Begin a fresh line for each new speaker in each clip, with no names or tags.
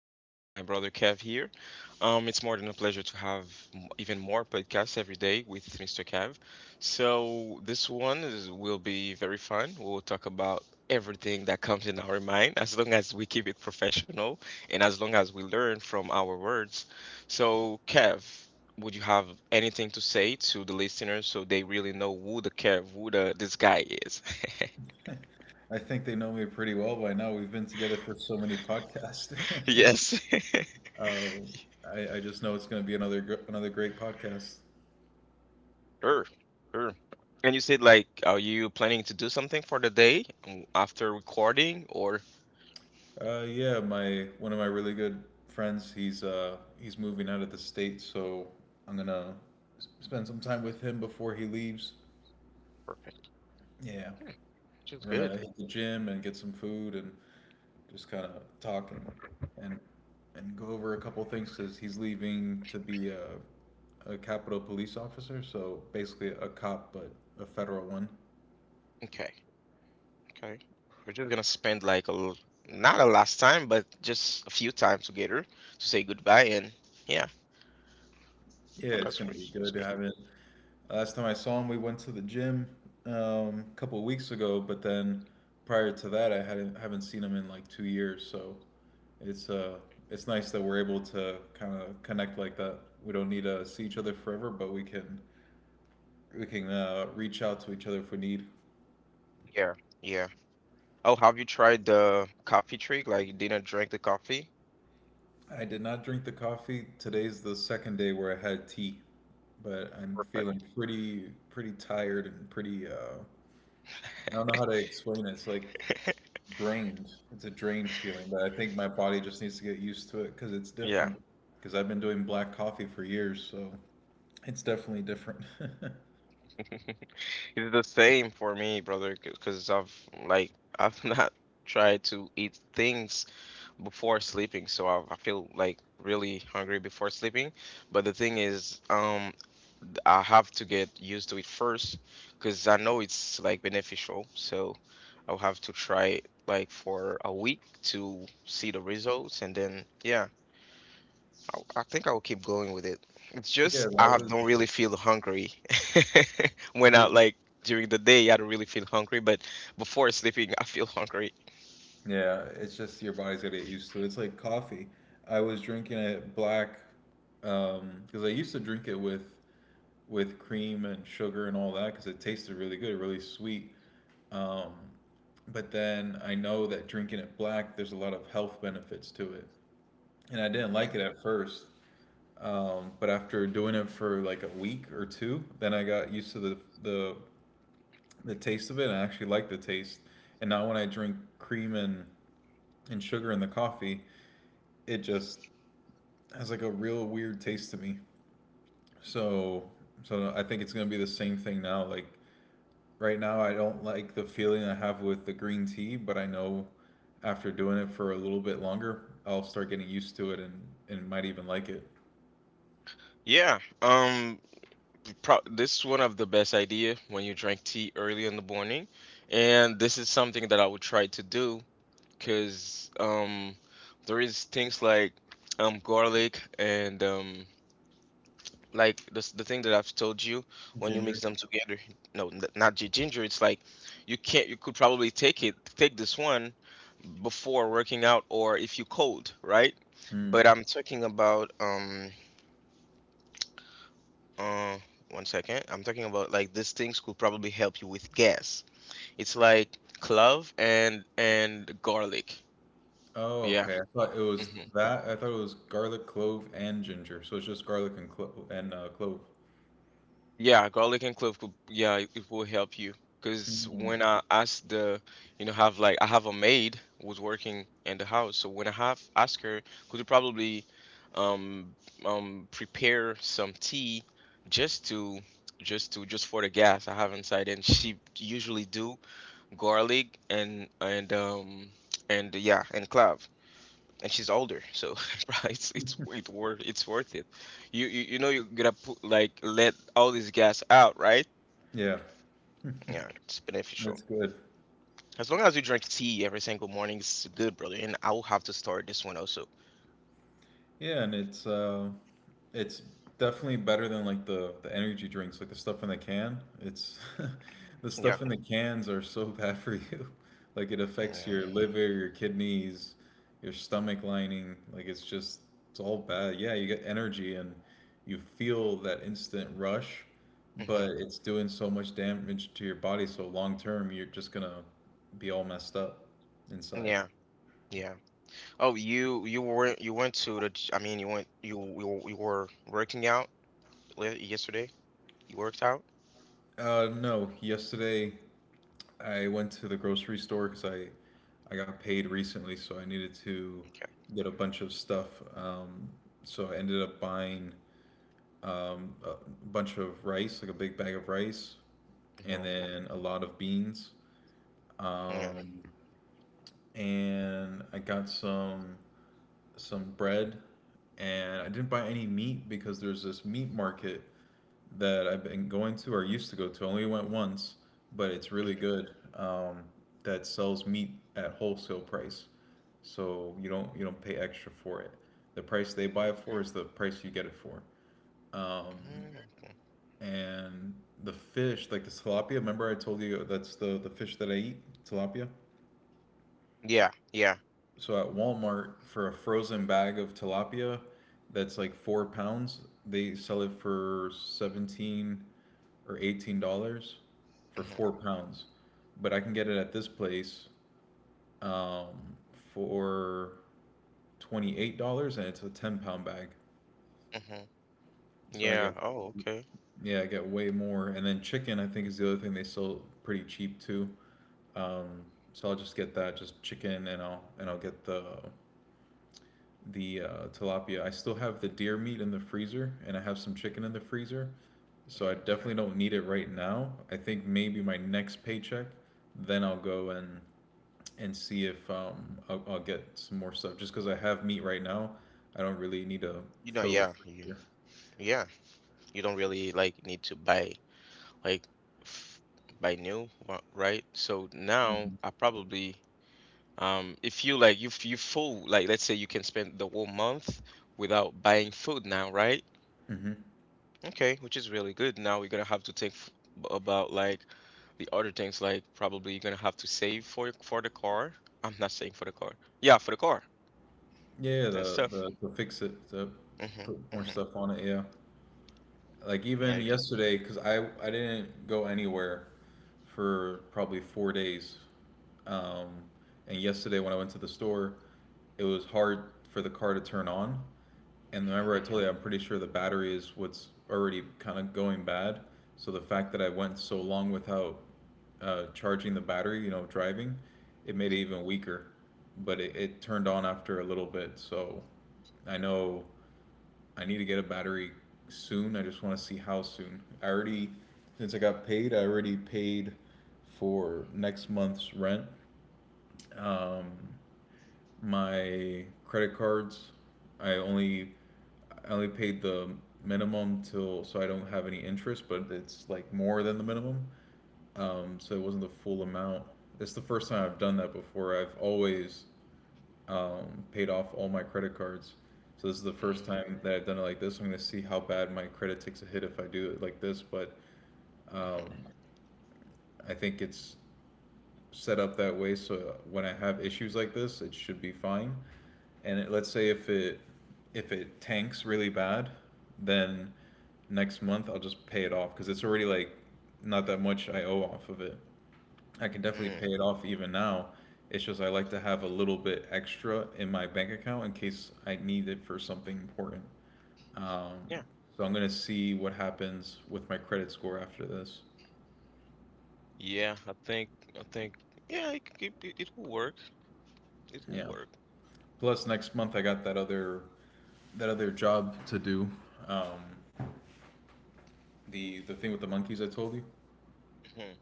and my brother Kev here. It's more than a pleasure to have even more podcasts every day with Mr. Kev. So this one will be very fun. We'll talk about everything that comes in our mind, as long as we keep it professional and as long as we learn from our words. So, Kev, would you have anything to say to the listeners so they really know who the this guy is?
I think they know me pretty well by now. We've been together for so many podcasts.
Yes.
um, I just know it's going to be another another great podcast.
Sure, sure. And you said, like, are you planning to do something for the day, after recording, or?
Yeah, my one of my really good friends. He's moving out of the state, so I'm gonna spend some time with him before he leaves.
Perfect.
Yeah,
Hmm, which is
we're
good.
gonna hit the gym and get some food and just kind of talk and go over a couple things because he's leaving to be a Capitol police officer, so basically a cop but a federal one.
Okay, okay. We're just gonna spend like not a last time, but just a few times together to say goodbye and, yeah,
Yeah,
oh,
it's
that's
gonna
great.
be
That's
good. I
great.
haven't. Last time I saw him, we went to the gym a couple of weeks ago, but then prior to that, I hadn't haven't seen him in like 2 years. So it's it's nice that we're able to kind of connect like that. We don't need to see each other forever, but we can reach out to each other if we need.
Yeah, yeah. Oh, have you tried the coffee trick? Like, you didn't drink the coffee?
I did not drink the coffee. Today's the second day where I had tea, but I'm
Perfect.
feeling pretty tired and pretty I don't know how to explain it. It's like drained. It's a drained feeling, but I think my body just needs to get used to it because it's
Yeah,
different. Because I've been doing black coffee for years, so it's definitely different.
it's the same for me, brother, because like I've not tried to eat things before sleeping, so I feel like really hungry before sleeping. But the thing is, I have to get used to it first because I know it's like beneficial. So I'll have to try it like for a week to see the results, and then, yeah, I think I'll keep going with it. It's
Yeah, that
just I don't
was
really feel hungry when I,
you,
like, during the day. I don't really feel hungry, but before sleeping, I feel hungry.
yeah, it's just your body's gotta get used to it. It's like coffee. I was drinking it black because I used to drink it with cream and sugar and all that because it tasted really good, really sweet. Um, but then I know that drinking it black, there's a lot of health benefits to it. And I didn't
Yeah.
like it at first. But after doing it for like a week or two, then I got used to the, the taste of it and I actually like the taste. And now when I drink cream and sugar in the coffee, it just has like a real weird taste to me. So so I think it's gonna be the same thing now. Like right now I don't like the feeling I have with the green tea, but I know after doing it for a little bit longer, I'll start getting used to it and might even like it.
Yeah. This is one of the best idea when you drink tea early in the morning, and this is something that I would try to do because there is things like garlic and, like this the thing that I've told you, when you mix
Ginger.
them together. No, not ginger. It's like, you can't you could probably take this one before working out, or if you cold, right?
Hmm.
But I'm talking about, Uh, one second. I'm talking about like these things could probably help you with gas. It's like clove and garlic.
Oh,
Yeah.
okay. I thought it was
Hmm.
that. I thought it was garlic, clove, and ginger. So it's just garlic and clove.
Yeah, garlic and clove could, yeah, it will help you. Because
Mm.
when I asked the, you know, have like I have a maid who's working in the house. So when I have asked her, could you probably um prepare some tea, just to just for the gas I have inside, and she usually do garlic and clove. And she's older, so bruh, it's worth it. You you, you know you're gonna put, like, let all this gas out, right?
Yeah,
Yeah, it's beneficial.
that's good.
As long as you drink tea every single morning, it's good, brother. And I will have to start this one also.
Yeah, and it's definitely better than like the energy drinks, like the stuff in the can. It's the
Yeah,
stuff in the cans are so bad for you. Like it affects
yeah.
your liver, your kidneys, your stomach lining. Like it's all bad. Yeah, you get energy and you feel that instant rush,
Hmm,
but it's doing so much damage to your body. So long term, you're just gonna be all messed up inside.
yeah, yeah. Oh, you weren't you went to the j- I mean, you you were working out yesterday. You worked out.
No, yesterday. I went to the grocery store because I got paid recently, so I needed to
Okay.
get a bunch of stuff. So I ended up buying a bunch of rice, like a big bag of rice, and
Hmm.
then a lot of beans.
Yeah.
Um, and I got some bread, and I didn't buy any meat because there's this meat market that I've been going to or used to go to. I only went once, but it's really
Mm-hmm,
good. That sells meat at wholesale price, so you don't pay extra for it. The price they
mm-hmm.
buy it for is the price you get it for. Um,
Mhm, okay.
and the fish, like the tilapia. Remember I told you that's the fish that I eat, tilapia.
Yeah, yeah.
So at Walmart for a frozen bag of tilapia that's like 4 pounds, they sell it for $17 or $18 for
Hmm.
4 pounds. But I can get it at this place um, for $28 and it's a 10 pound bag.
Hmm.
So I
Yeah.
get
Hmm. Oh, okay.
yeah, I get way more. And then chicken I think is the other thing they sell pretty cheap too. Um, so I'll just get that, just chicken and I'll get the the uh, tilapia. I still have the deer meat in the freezer, and I have some chicken in the freezer, so I
Hmm.
definitely don't need it right now. I think maybe my next paycheck, then I'll go and see if I'll get some more stuff. Just because I have meat right now, I don't really need to
You know,
fill the freezer.
yeah. You don't really like need to buy like f buy new, right? So now I
Hmm.
probably, if you like, you full, like, let's say you can spend the whole month without buying food now, right?
Hmm.
Okay, which is really good. Now we're gonna have to think, about, like, the other things, like, probably you're gonna have to save for the car. I'm not saying for the car. Yeah, for the car
Yeah,
and stuff.
the to fix it to
Mhm,
put more
mhm.
stuff on it. Yeah. Like
Yeah,
even
yep.
yesterday, because I didn't go anywhere for probably 4 days, um, and yesterday when I went to the store, it was hard for the car to turn on. And
Mhm,
remember, I told you I'm pretty sure the battery is what's already kind of going bad. So the fact that I went so long without charging the battery, you know, driving, it made it
mhm,
even weaker. But it turned on after a little bit, so I know I need to get a battery soon. I just want to see how soon. Since I got paid, I already paid for next month's rent. Um, my credit cards, I only, I only paid the minimum till so I don't have any interest, but it's like more than the minimum. So it wasn't the full amount. It's the first time I've done that before. I've always paid off all my credit cards. So this is the first
mm,
time that I've done it like this. I'm gonna see how bad my credit takes a hit if I do it like this, but
mhm,
I think it's set up that way so when I have issues like this, it should be fine. Let's say if it tanks really bad, then next month I'll just pay it off because it's already like not that much I owe off of it. I can definitely
mm.
pay it off even now. It's just I like to have a little bit extra in my bank account in case I need it for something important. Um,
Yeah,
so I'm gonna see what happens with my credit score after this.
yeah, I think, yeah, it will work. It will
Yeah.
work.
Plus next month I got that other job to do. Um, the thing with the monkeys I told you.
Mhm.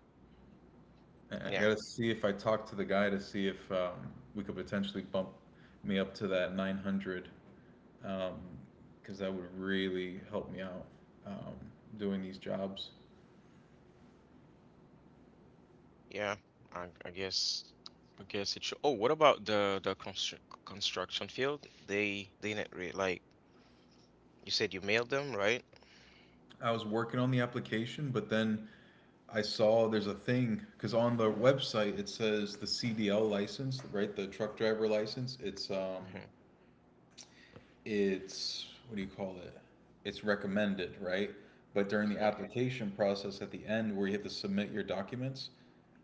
And I
Yeah,
gotta see if I talk to the guy to see if we could potentially bump me up to that 900 because that would really help me out um, doing these jobs.
yeah, I, I guess, I guess it should. Oh, what about the construction field? They didn't really like, you said you mailed them, right?
I was working on the application, but then I saw there's a thing because on the website it says the CDL license, right? The truck driver license.
Mhm,
It's what do you call it? It's recommended, right? But during the
mhm,
application process at the end, where you have to submit your documents,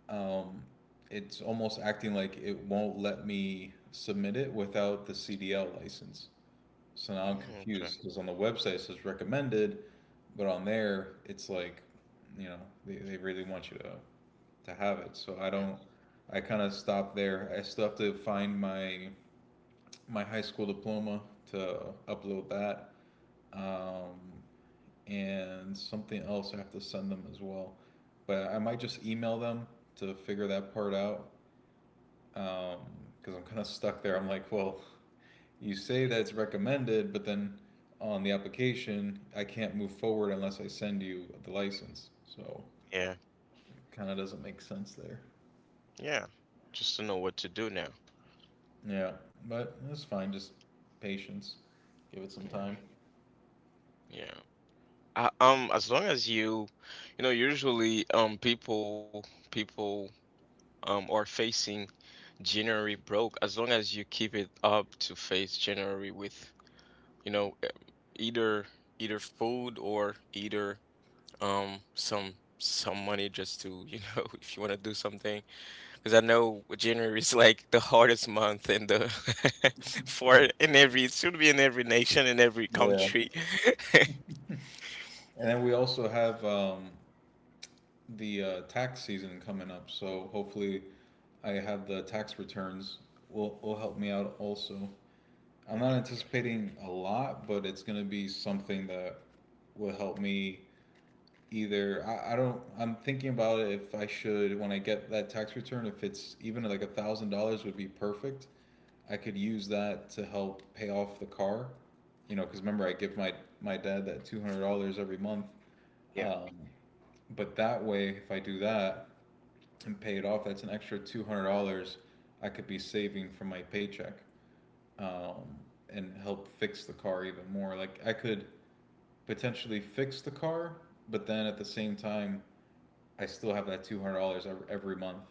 um, it's almost acting like it won't let me submit it without the CDL license. So now I'm
mm, okay.
confused because on the website it says recommended, but on there it's like, you know, they really want you to have it. So I
Mm,
don't. I kind of stopped there. I still have to find my my high school diploma to upload that, um, and something else I have to send them as well. But I might just email them to figure that part out. Um, because I'm kind of stuck there. I'm like, well, you say that it's recommended, but then on the application, I can't move forward unless I send you the license. So
yeah,
it kind of doesn't make sense there.
yeah, just to know what to do now.
Yeah, but that's fine. Just patience. Give it some
Yeah,
time.
yeah. As long as you, you know, usually people are facing January broke. As long as you keep it up to face January with, you know, either either food or either some money just to, if you want to do something. Because I know January is like the hardest month in the for, in every, it should be in every nation, in every
Yeah.
country.
And then we also have the tax season coming up. So hopefully, I have the tax returns will help me out also. I'm not anticipating a lot, but it's gonna be something that will help me either I don't. I'm thinking about it if I should, when I get that tax return, if it's even like $1,000, would be perfect. I could use that to help pay off the car, you know, because remember, I give my my dad that $200 every month, um, but that way if I do that and pay it off, that's an extra $200 I could be saving from my paycheck, um, and help fix the car even more. Like I could potentially fix the car, but then at the same time I still have that $200 every month.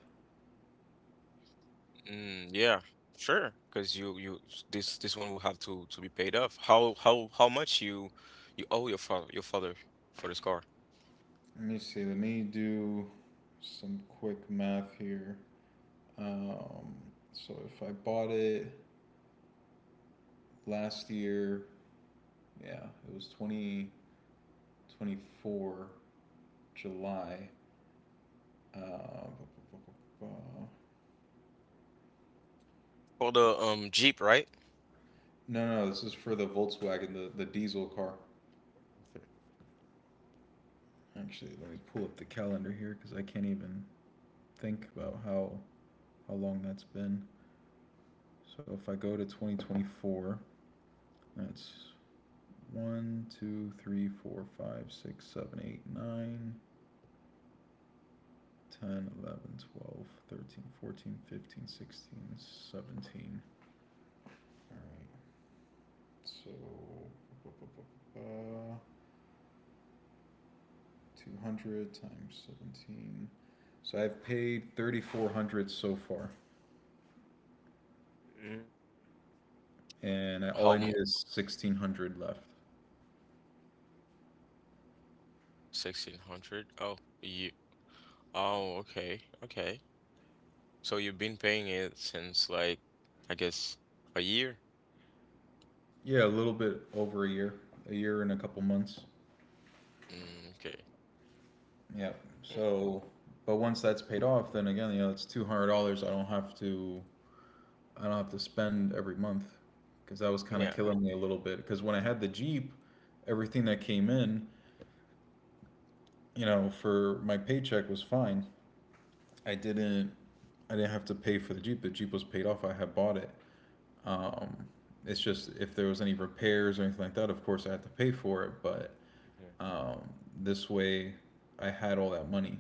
Mm, yeah, sure. Because you s- this one will have to be paid off. How much you owe your father, for this car?
Let me see. Let me do some quick math here. Um, so if I bought it last year, yeah, it was 2024 July. Uh,
For the, Jeep, right?
no, no, no, this is for the Volkswagen, the diesel car.
Okay.
Actually, let me pull up the calendar here because I can't even think about how long that's been. So if I go to 2024, that's 1, 2, 3, 4, 5, 6, 7, 8, 9, 10, 11, 12, 13, 14, 15, 16, 17. All right. So, 200 times 17. So I've paid 3,400 so far,
Mm.
and
How mu
all I need is 1,600 left.
1600? Oh, yeah. Oh, okay. Okay. So you've been paying it since like, I guess, a year?
Yeah, a little bit over a year and a couple months.
Mm, okay.
Yeah.
Mm,
So, but once that's paid off, then again, you know, it's $200. I don't have to spend every month because that was kind of
yeah.
killing me a little bit. Because when I had the Jeep, everything that came in, for my paycheck was fine. I didn't, I didn't have to pay for the Jeep. The Jeep was paid off. I had bought it. Um, it's just if there was any repairs or anything like that, of course I had to pay for it. But
Mhm.
um, this way, I had all that money.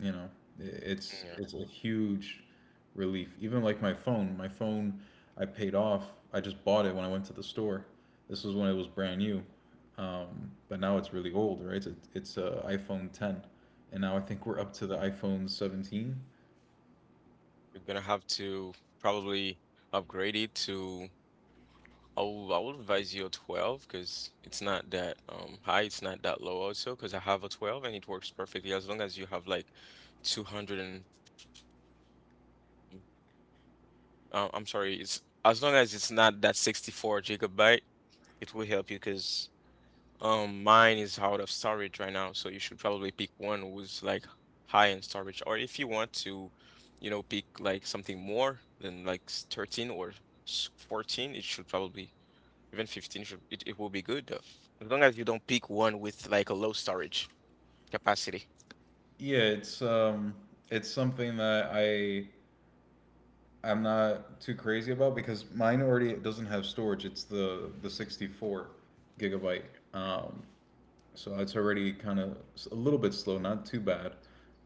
you know it's
Yeah.
it's a huge relief, even like my phone I paid off. I just bought it when I went to the store. This was when it was brand new. But now it's really old, right? It's a iphone 10. And now I think we're
Mhm.
up to the iphone 17.
You're gonna have to probably upgrade it to, I would advise you a 12 because it's not that high, it's not that low also, because I have a 12 and it works perfectly, as long as you have like 200 and, I'm sorry, it's, as long as it's not that 64 gigabyte, it will help you because mine is out of storage right now. So you should probably pick one who's like high in storage, or if you want to, you know, pick like something more than like 13 or 14, it should probably. Even 15 should, it will be good, though. As long as you don't pick one with like a low storage capacity.
Yeah, it's something that I'm not too crazy about because mine already doesn't have storage. It's the 64 gigabyte. um so it's already kind of a little bit slow, not too bad.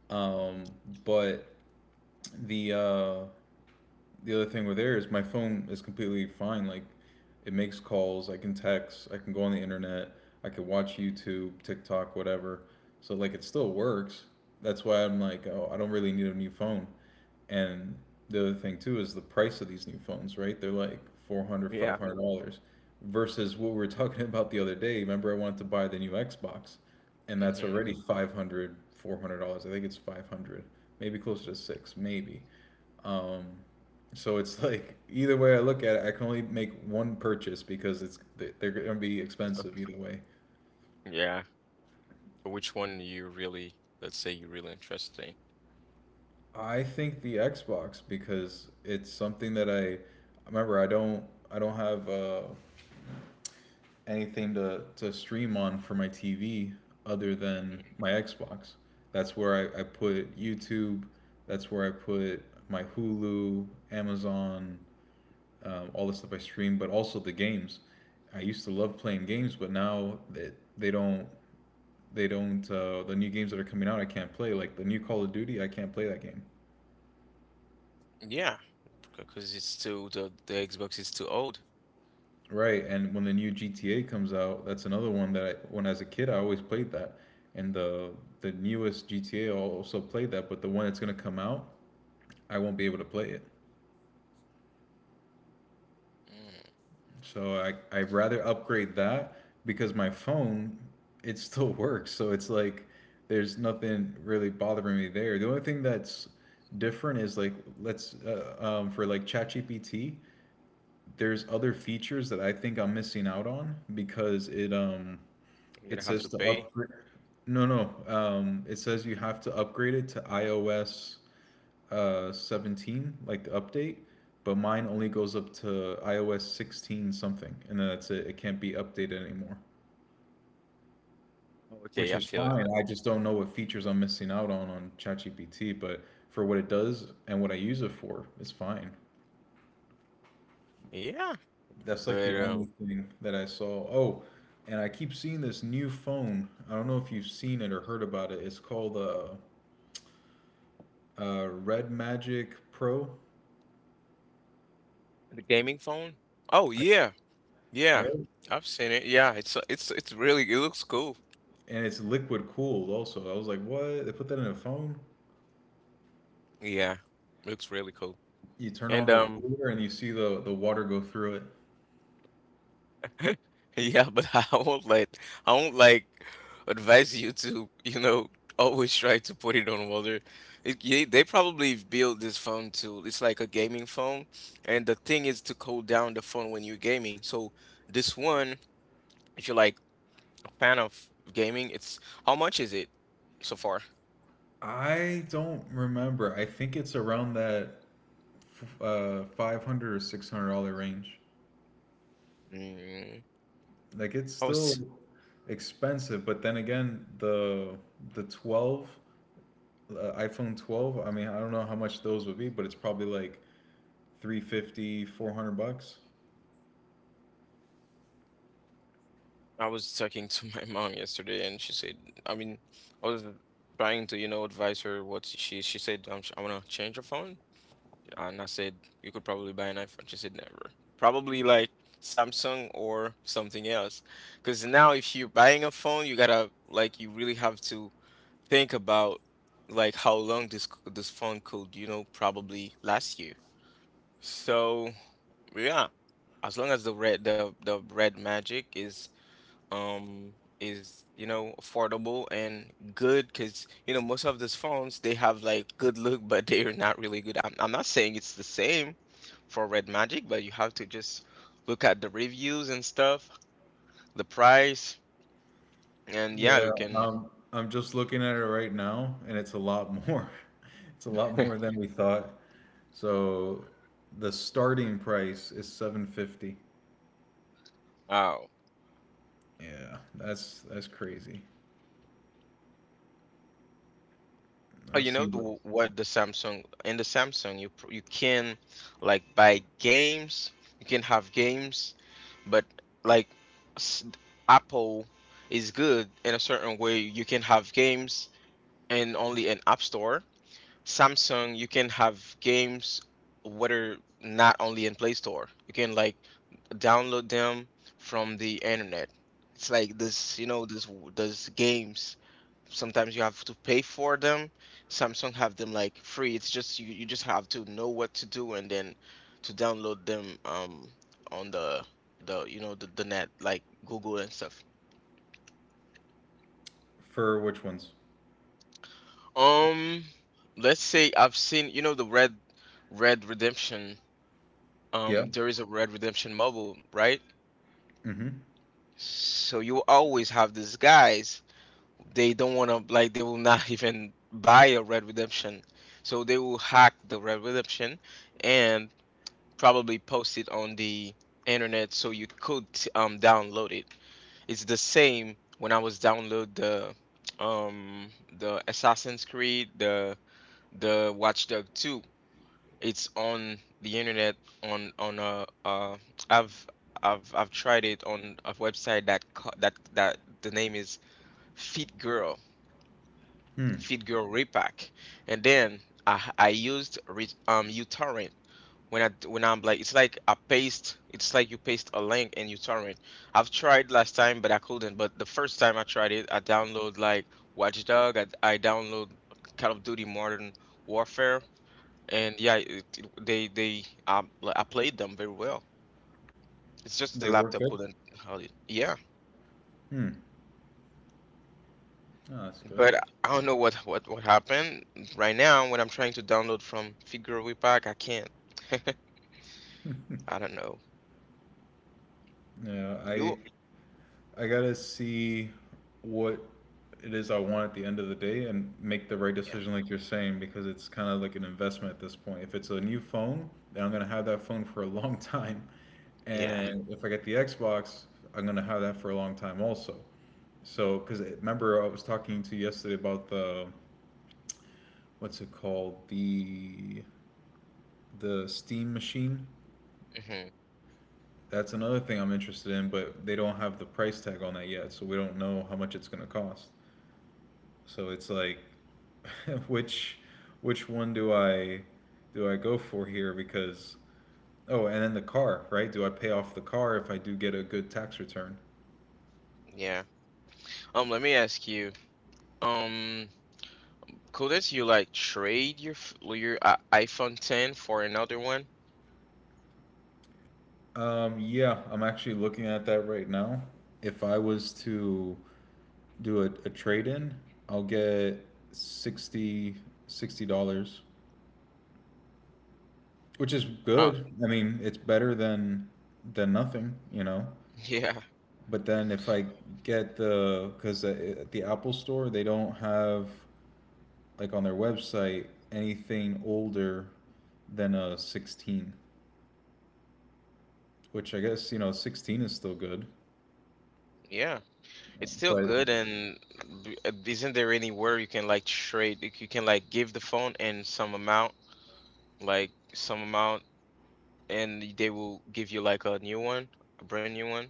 Um, but the uh, the other thing with Air is my phone is completely fine. Like, it makes calls, I can text, I can go on the internet, I can watch YouTube, TikTok, whatever. So like it still works. That's why I'm like, oh, I don't really need a new phone. And the other thing too is the price of these new phones, right? They're like 400, five
Yeah.
hundred dollars versus what we were talking about the other day. Remember, I wanted to buy the new Xbox, and that's
Hmm.
already 500, $400. I think it's 500, maybe closer to six, maybe. Um, so it's like, either way I look at it, I can only make one purchase because it's they're going to be expensive either way.
Yeah. But which one you really, let's say you really interested in.
I think the Xbox because it's something that I remember. I don't have anything to stream on for my TV other than
Mhm.
my Xbox. That's where I put YouTube. That's where I put my Hulu, Amazon, all the stuff I stream, but also the games. I used to love playing games, but now that they don't the new games that are coming out, I can't play. Like the new Call of Duty, I can't play that game.
Yeah. Because it's still the Xbox is too old.
Right. And when the new GTA comes out, that's another one that, when as a kid, I always played that. And the newest GTA, also played that, but the one that's gonna come out, I won't be able to play it.
Mm.
So I'd rather upgrade that because my phone, it still works, so it's like there's nothing really bothering me there. The only thing that's different is, like, let's for like ChatGPT there's other features that I think I'm missing out on because it.
I'm
It
gonna have
says
to
to
pay.
upgrade. No, no. It says you have to upgrade it to iOS 17, like the update, but mine only goes up to iOS 16 something, and then that's it. It can't be updated anymore,
Okay,
which
I
is
feel it.
fine. I just don't know what features I'm missing out on ChatGPT, but for what it does and what I use it for, it's fine.
Yeah.
That's like
But
the only thing that I saw. Oh, and I keep seeing this new phone. I don't know if you've seen it or heard about it. It's called Red Magic Pro,
the gaming phone? Oh, yeah. Yeah.
right?
I've seen it. Yeah, it's really, it looks cool.
And it's liquid cooled also. I was like, what? They put that in a phone?
Yeah. Looks really cool.
You turn
And
on the cooler and you see the water go through it.
Yeah, but I won't like advise you to, always try to put it on water. They probably built this phone to it's like a gaming phone, and the thing is to cool down the phone when you're gaming. So this one, if you're like a fan of gaming, it's, how much is it so far?
I don't remember. I think it's around that 500 or $600 range.
Mm.
Like, it's
I
still
was
expensive, but then again, the 12, iPhone 12, I mean, I don't know how much those would be, but it's probably like 350, 400 bucks.
I was talking to my mom yesterday, and she said, I mean, I was trying to, advise her what she said. I want to change her phone. And I said, you could probably buy an iPhone. She said, never. Probably like Samsung or something else. Because now, if you're buying a phone, you gotta, like, you really have to think about, like, how long this phone could, probably last you. So, yeah, as long as the red magic is, um you know, affordable and good, because most of these phones they have like good look, but they're not really good. I'm not saying it's the same for Red Magic, but you have to just look at the reviews and stuff, the price, and yeah,
Yeah,
you can.
I'm just looking at it right now, and it's a lot more. It's a lot more than we thought. So the starting price is 750.
Wow.
Yeah, that's crazy.
Oh,
That
you know
seems
the,
like,
what, the Samsung, in the Samsung you can like buy games, you can have games, but, like, s- Apple is good in a certain way. You can have games and only in App Store. Samsung you can have games whether, not only in Play Store. You can like download them from the internet. It's like this, this games sometimes you have to pay for them. Samsung have them like free. It's just you just have to know what to do, and then to download them, on the you know the net, like Google and stuff.
for which ones?
um let's say I've seen, the red redemption.
Yeah.
There is a red redemption mobile, right?
Mm-hmm.
So you always have these guys, they don't want to, like, they will not even buy a red redemption, so they will hack the red redemption and probably post it on the internet so you could download it. It's the same when I was download um the Assassin's Creed, the Watch Dog 2. It's on the internet, on I've I've tried it on a website that that the name is Fit Girl,
Hmm.
Fit Girl Repack. And then I used re uTorrent when, when I'm like, it's like you paste a link and you torrent. I've tried last time but I couldn't. But the first time I tried it, I download like Watchdog. I download Call of Duty Modern Warfare, and, yeah, it- they like, I played them very well. It's just the
They work
laptop
good.
couldn't hold it. Yeah,
Hmm. Oh, that's good.
but I don't know what happened right now when I'm trying to download from Figure Pack, I can't. I don't know.
Yeah, I
You
I gotta see what it is I want at the end of the day and make the right
Yeah,
decision, like you're saying, because it's kind of like an investment at this point. If it's a new phone, then I'm gonna have that phone for a long time,
yeah,
and if I get the Xbox, I'm gonna have that for a long time also. So, because remember I was talking to you yesterday about the, what's it called, the Steam machine.
hmm,
That's another thing I'm interested in, but they don't have the price tag on that yet, so we don't know how much it's gonna cost. So it's like, which which one do I go for here? Because, oh, and then the car, right? Do I pay off the car if I do get a good tax return?
yeah. Let me ask you. Um, couldn't you like trade iPhone 10 for another one?
Yeah, I'm actually looking at that right now. If I was to do a trade in, I'll get sixty sixty dollars, which is
Oh,
good. I mean, it's better than nothing.
yeah,
But then if I get the, because at the Apple Store they don't have like on their website anything older than a 16, which I guess, 16 is still good.
yeah. It's still
But
good, and isn't there anywhere you can like trade? Like, you can like give the phone and some amount, like some amount, and they will give you like a new one, a brand new one.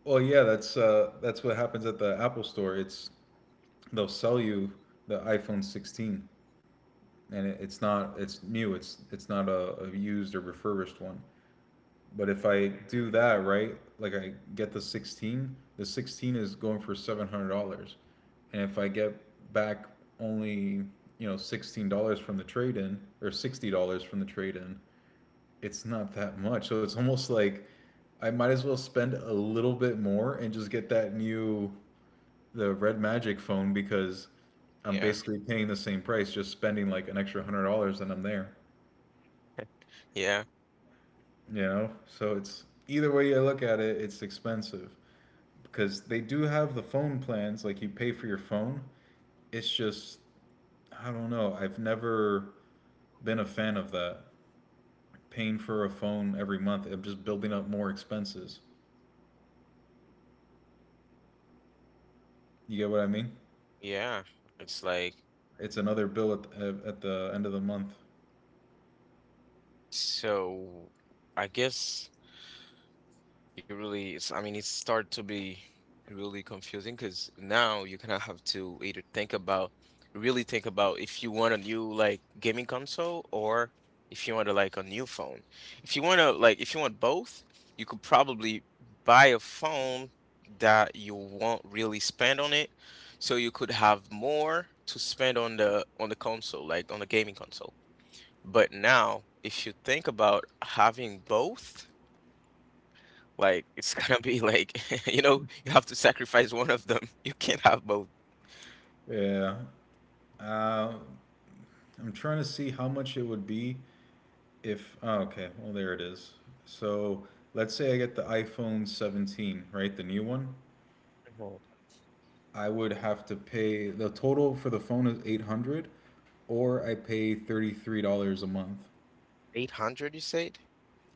Well, yeah, that's what happens at the Apple Store. It's, they'll sell you the iPhone 16, and it's not, it's new. It's not a used or refurbished one. But if I
Uh,
do that, right, like I get the 16, the 16 is going for $700. And if I get back only, $16 from the trade in or $60 from the trade in, it's not that much. So it's almost like, I might as well spend a little bit more and just get that new, the Red Magic phone, because I'm
yeah,
basically paying the same price, just spending like an extra $100, and I'm there.
yeah,
You know? So it's, either way you look at it, it's expensive. Because they do have the phone plans, like you pay for your phone. It's just, I don't know, I've never been a fan of that, paying for a phone every month. I'm just building up more expenses. You get what I mean?
yeah. It's like
It's another bill at the end of the month.
so. I guess. It really is. I mean, it start to be really confusing because now you kind of have to either think about, really think about if you want a new like gaming console or if you want to like a new phone. If you want to like, if you want both, you could probably buy a phone that you won't really spend on it, so you could have more to spend on the console, like on the gaming console. But now, if you think about having both. Like, it's gonna be like, you know, you have to sacrifice one of them. You can't have both.
Yeah, uh, I'm trying to see how much it would be if, oh, okay, well there it is. So let's say I get the iphone 17, right, the new one.
Mhm.
I would have to pay, the total for the phone is 800, dollars, or I pay $33 a month.
800, you said?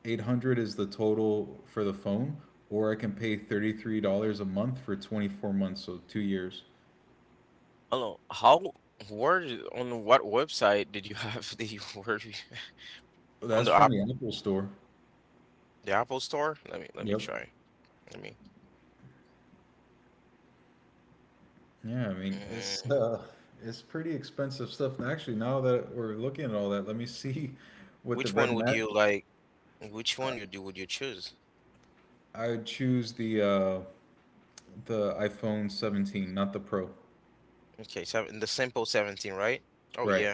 $800 is the total for the phone, or I can pay $33 a month for 24 months, so 2 years.
Hello, how, where, on what website did you have the word on
That's
the
from
app,
the Apple Store.
the Apple Store? Let me
Yep.
try. Let me.
Yeah, I mean it's
Mm,
it's pretty expensive stuff. And actually, now that we're looking at all that, let me see with the
which one
Red
would you
Magic.
like? Which one you do would you choose?
I would choose the iPhone 17, not the Pro.
Okay, seven, the simple 17, right? Oh
Right.
yeah.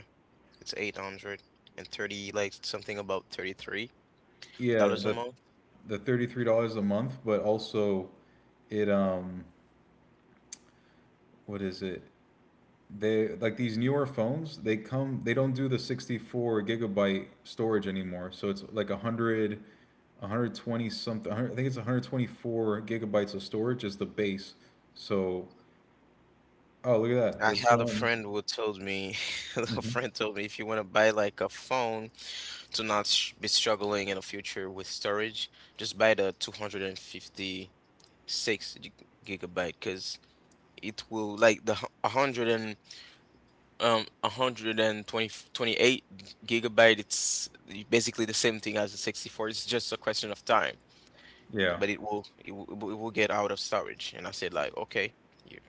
It's 830, like something about
Yeah,
$33 a
the
month.
the $33 a month, but also, it what is it? They, like these newer phones, they come, they don't do the 64 gigabyte storage anymore. So it's like 100, a 120 something, 100, I think it's 124 gigabytes of storage is the base. So, oh, look at that.
I
This
had a
one.
friend who told me, a
Hmm.
friend told me if you want to buy like a phone to not sh be struggling in the future with storage, just buy the 256 gig- gigabyte because it will like the 100 and a hundred and twenty twenty-eight gigabyte it's basically the same thing as the 64. It's just a question of time.
Yeah.
But it will get out of storage. And I said like, okay, yeah,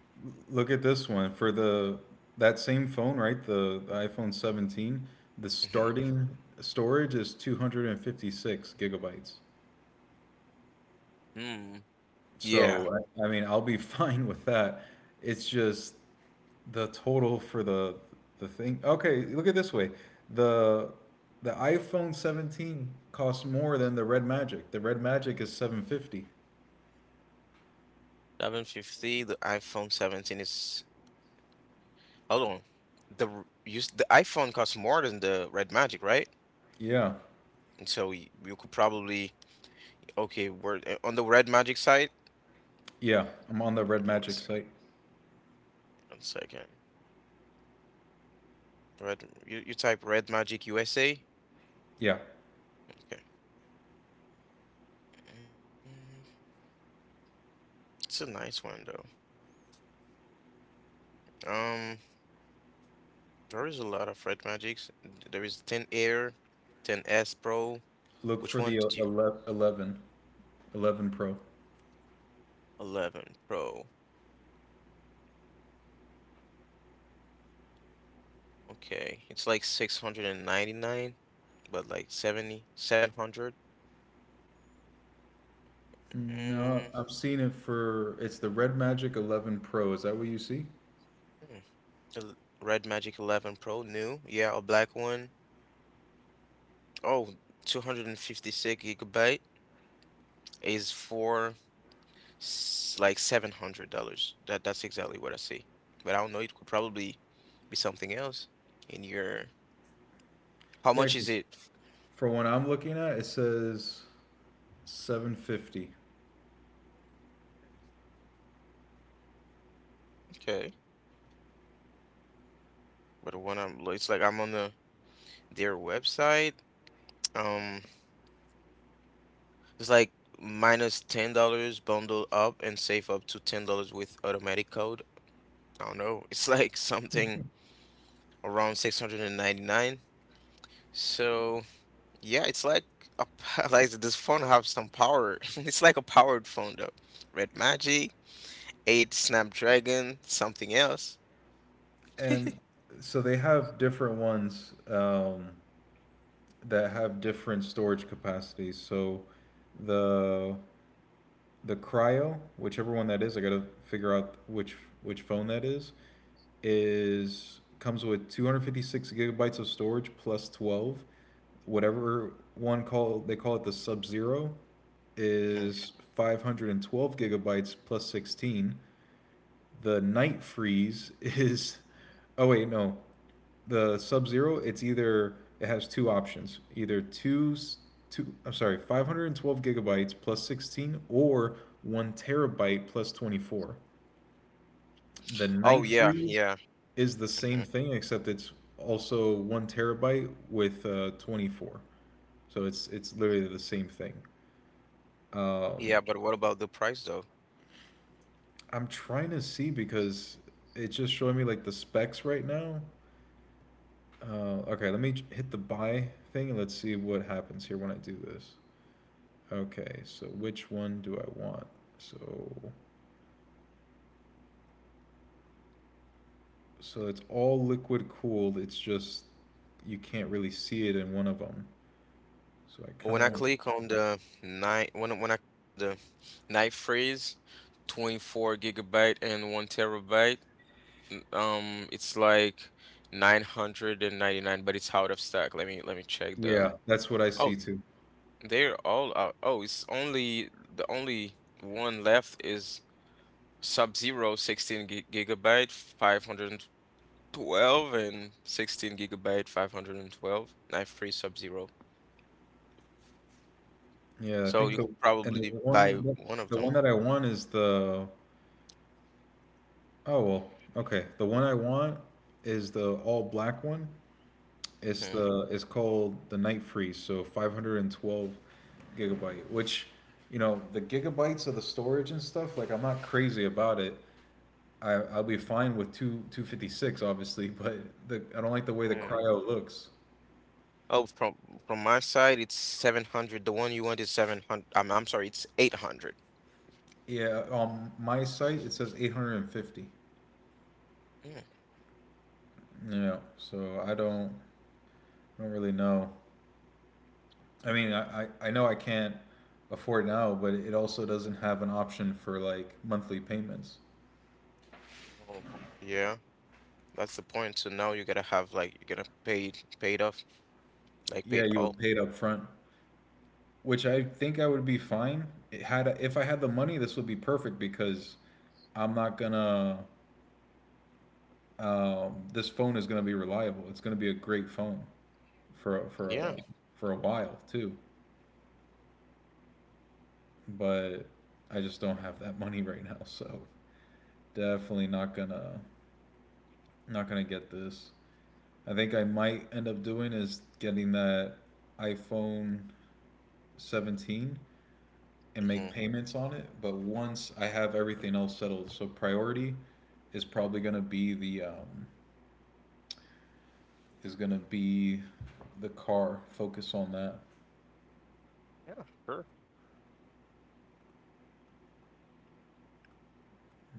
Look at this one for the that same phone, right? The iPhone 17. The
mhm,
starting storage is 256 gigabytes.
mm, yeah,
So I mean, I'll be fine with that. It's just the total for the thing. Okay, look at it this way. The the iPhone 17 costs more than the Red Magic. The Red Magic is 750.
750. The iPhone 17 is. Hold on. The use the iPhone costs more than the Red Magic, right?
Yeah.
And so you could probably okay, we're on the Red Magic side.
Yeah, I'm on the Red
One
Magic
second,
site.
one second. Red, you type Red Magic USA.
Yeah.
Okay, mm, it's a nice one though. Um, there is a lot of Red Magics. There is 10 Air, 10 S Pro.
Look
Which
for
one
the
did
11,
you?
11, 11 Pro.
11 Pro. Okay. It's like 699, but like 7,700.
No,
Mm,
I've seen it for, it's the Red Magic 11 Pro. Is that what you see?
mm. El- Red Magic 11 Pro, new. Yeah, a black one. Oh, 256 gigabyte is for like $700. That's exactly what I see. But I don't know, it could probably be something else in your. How
Yeah,
much is
'cause
it?
for what I'm looking at, it says 750.
Okay. But when I'm it's like I'm on their website. Um, It's like minus $10 bundle up and save up to $10 with automatic code. I don't know. It's like something around 699. So yeah, it's like a, p- like this phone have some power. It's like a powered phone though. Red Magic, 8 Snapdragon, something else.
And so they have different ones, that have different storage capacities. So the the cryo, whichever one that is, I gotta figure out which phone that is, comes with 256 gigabytes of storage plus 12. Whatever one call they call it, the Sub Zero,
Mhm.
is 512 gigabytes plus 16. The Night Freeze is, oh wait, no, the Sub Zero, it's either, it has two options, either two two, I'm sorry, 512 gigabytes plus 16, or one terabyte plus 24. The
Oh
Night
yeah,
Freeze
yeah,
is the same
mhm.
thing except it's also one terabyte with 24. So it's literally the same thing. Um,
Yeah. But what about the price though?
I'm trying to see because it's just showing me like the specs right now. Okay, let me hit the buy thing and let's see what happens here when I do this. Okay, so which one do I want? So so it's all liquid cooled. It's just, you can't really see it in one of them. So I kind
When
of
I
want.
click on the night when when I click on the night phrase, 24 gigabyte and 1 terabyte, it's like 999, but it's out of stock. Let me check the.
Yeah, that's what I
Oh,
see too.
they're all out. Oh, it's only the only one left is sub Zero 16 gigabyte 512 and 16 gigabyte 512 knife free Sub-Zero.
Yeah, I
So
think
you
the,
could
and the
probably buy
one
one of
the
them.
one that I want is the, oh well, okay. The one I want is the all black one.
Mm-hmm.
It's called the Night Freeze, so 512 gigabyte, which, you know, the gigabytes of the storage and stuff, like, I'm not crazy about it. I'll be fine with two two fifty six, obviously, but the I don't like the way the
Mm.
cryo looks.
Oh, from my side, it's 700. The one you want is 700. I'm sorry, it's 800.
Yeah, on my site it says 850.
Mm.
Yeah, so I don't really know. I mean, I know I can't afford now, but it also doesn't have an option for like monthly payments.
Oh, yeah. That's the point. So now you gotta have like you're gonna pay pay off, like
Yeah,
paid
you
all.
would pay it up front, which I think I would be fine. It had If I had the money, this would be perfect because I'm not gonna. This phone is gonna be reliable. It's gonna be a great phone. for for
Yeah.
a, for a while too, but I just don't have that money right now, so definitely not gonna get this. I think I might end up doing is getting that iPhone 17 and
Mm-hmm.
make payments on it, but once I have everything else settled, so priority is probably gonna be the, is gonna be the car. Focus on that.
Yeah, sure.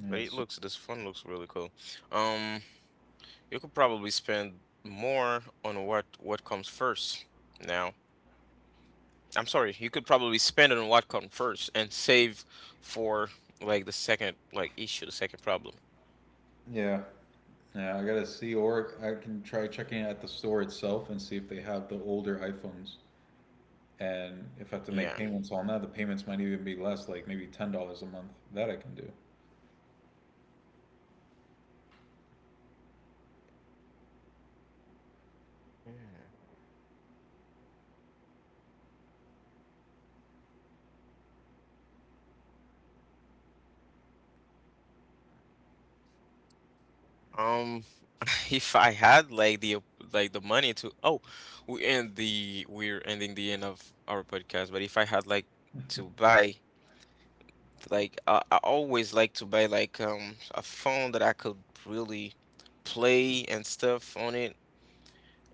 Yeah,
But
it's
it
just,
looks this fun looks really cool. Um, you could probably spend more on what comes first now. I'm sorry, you could probably spend on what comes first and save for like the second like issue, the second problem.
yeah. Yeah, I gotta see, or I can try checking at the store itself and see if they have the older iPhones. And if I have to make
Yeah.
payments on that, the payments might even be less, like maybe $10 a month. That I can do.
Yeah. Um, if I had like the like the money to. Oh, we end the we're ending the end of our podcast, but if I had like to buy like I always like to buy like a phone that I could really play and stuff on it.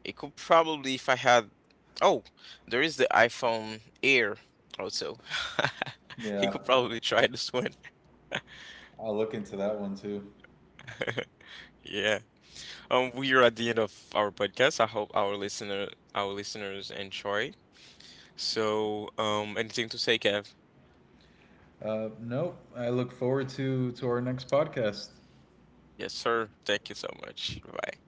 It could probably if I had. Oh, there is the iPhone Air also. You
Yeah,
could probably try this one.
I'll look into that one too.
Yeah. We are at the end of our podcast. I hope our listeners enjoy. So, anything to say, Kev?
Nope. I look forward to our next podcast.
Yes, sir. Thank you so much. Bye.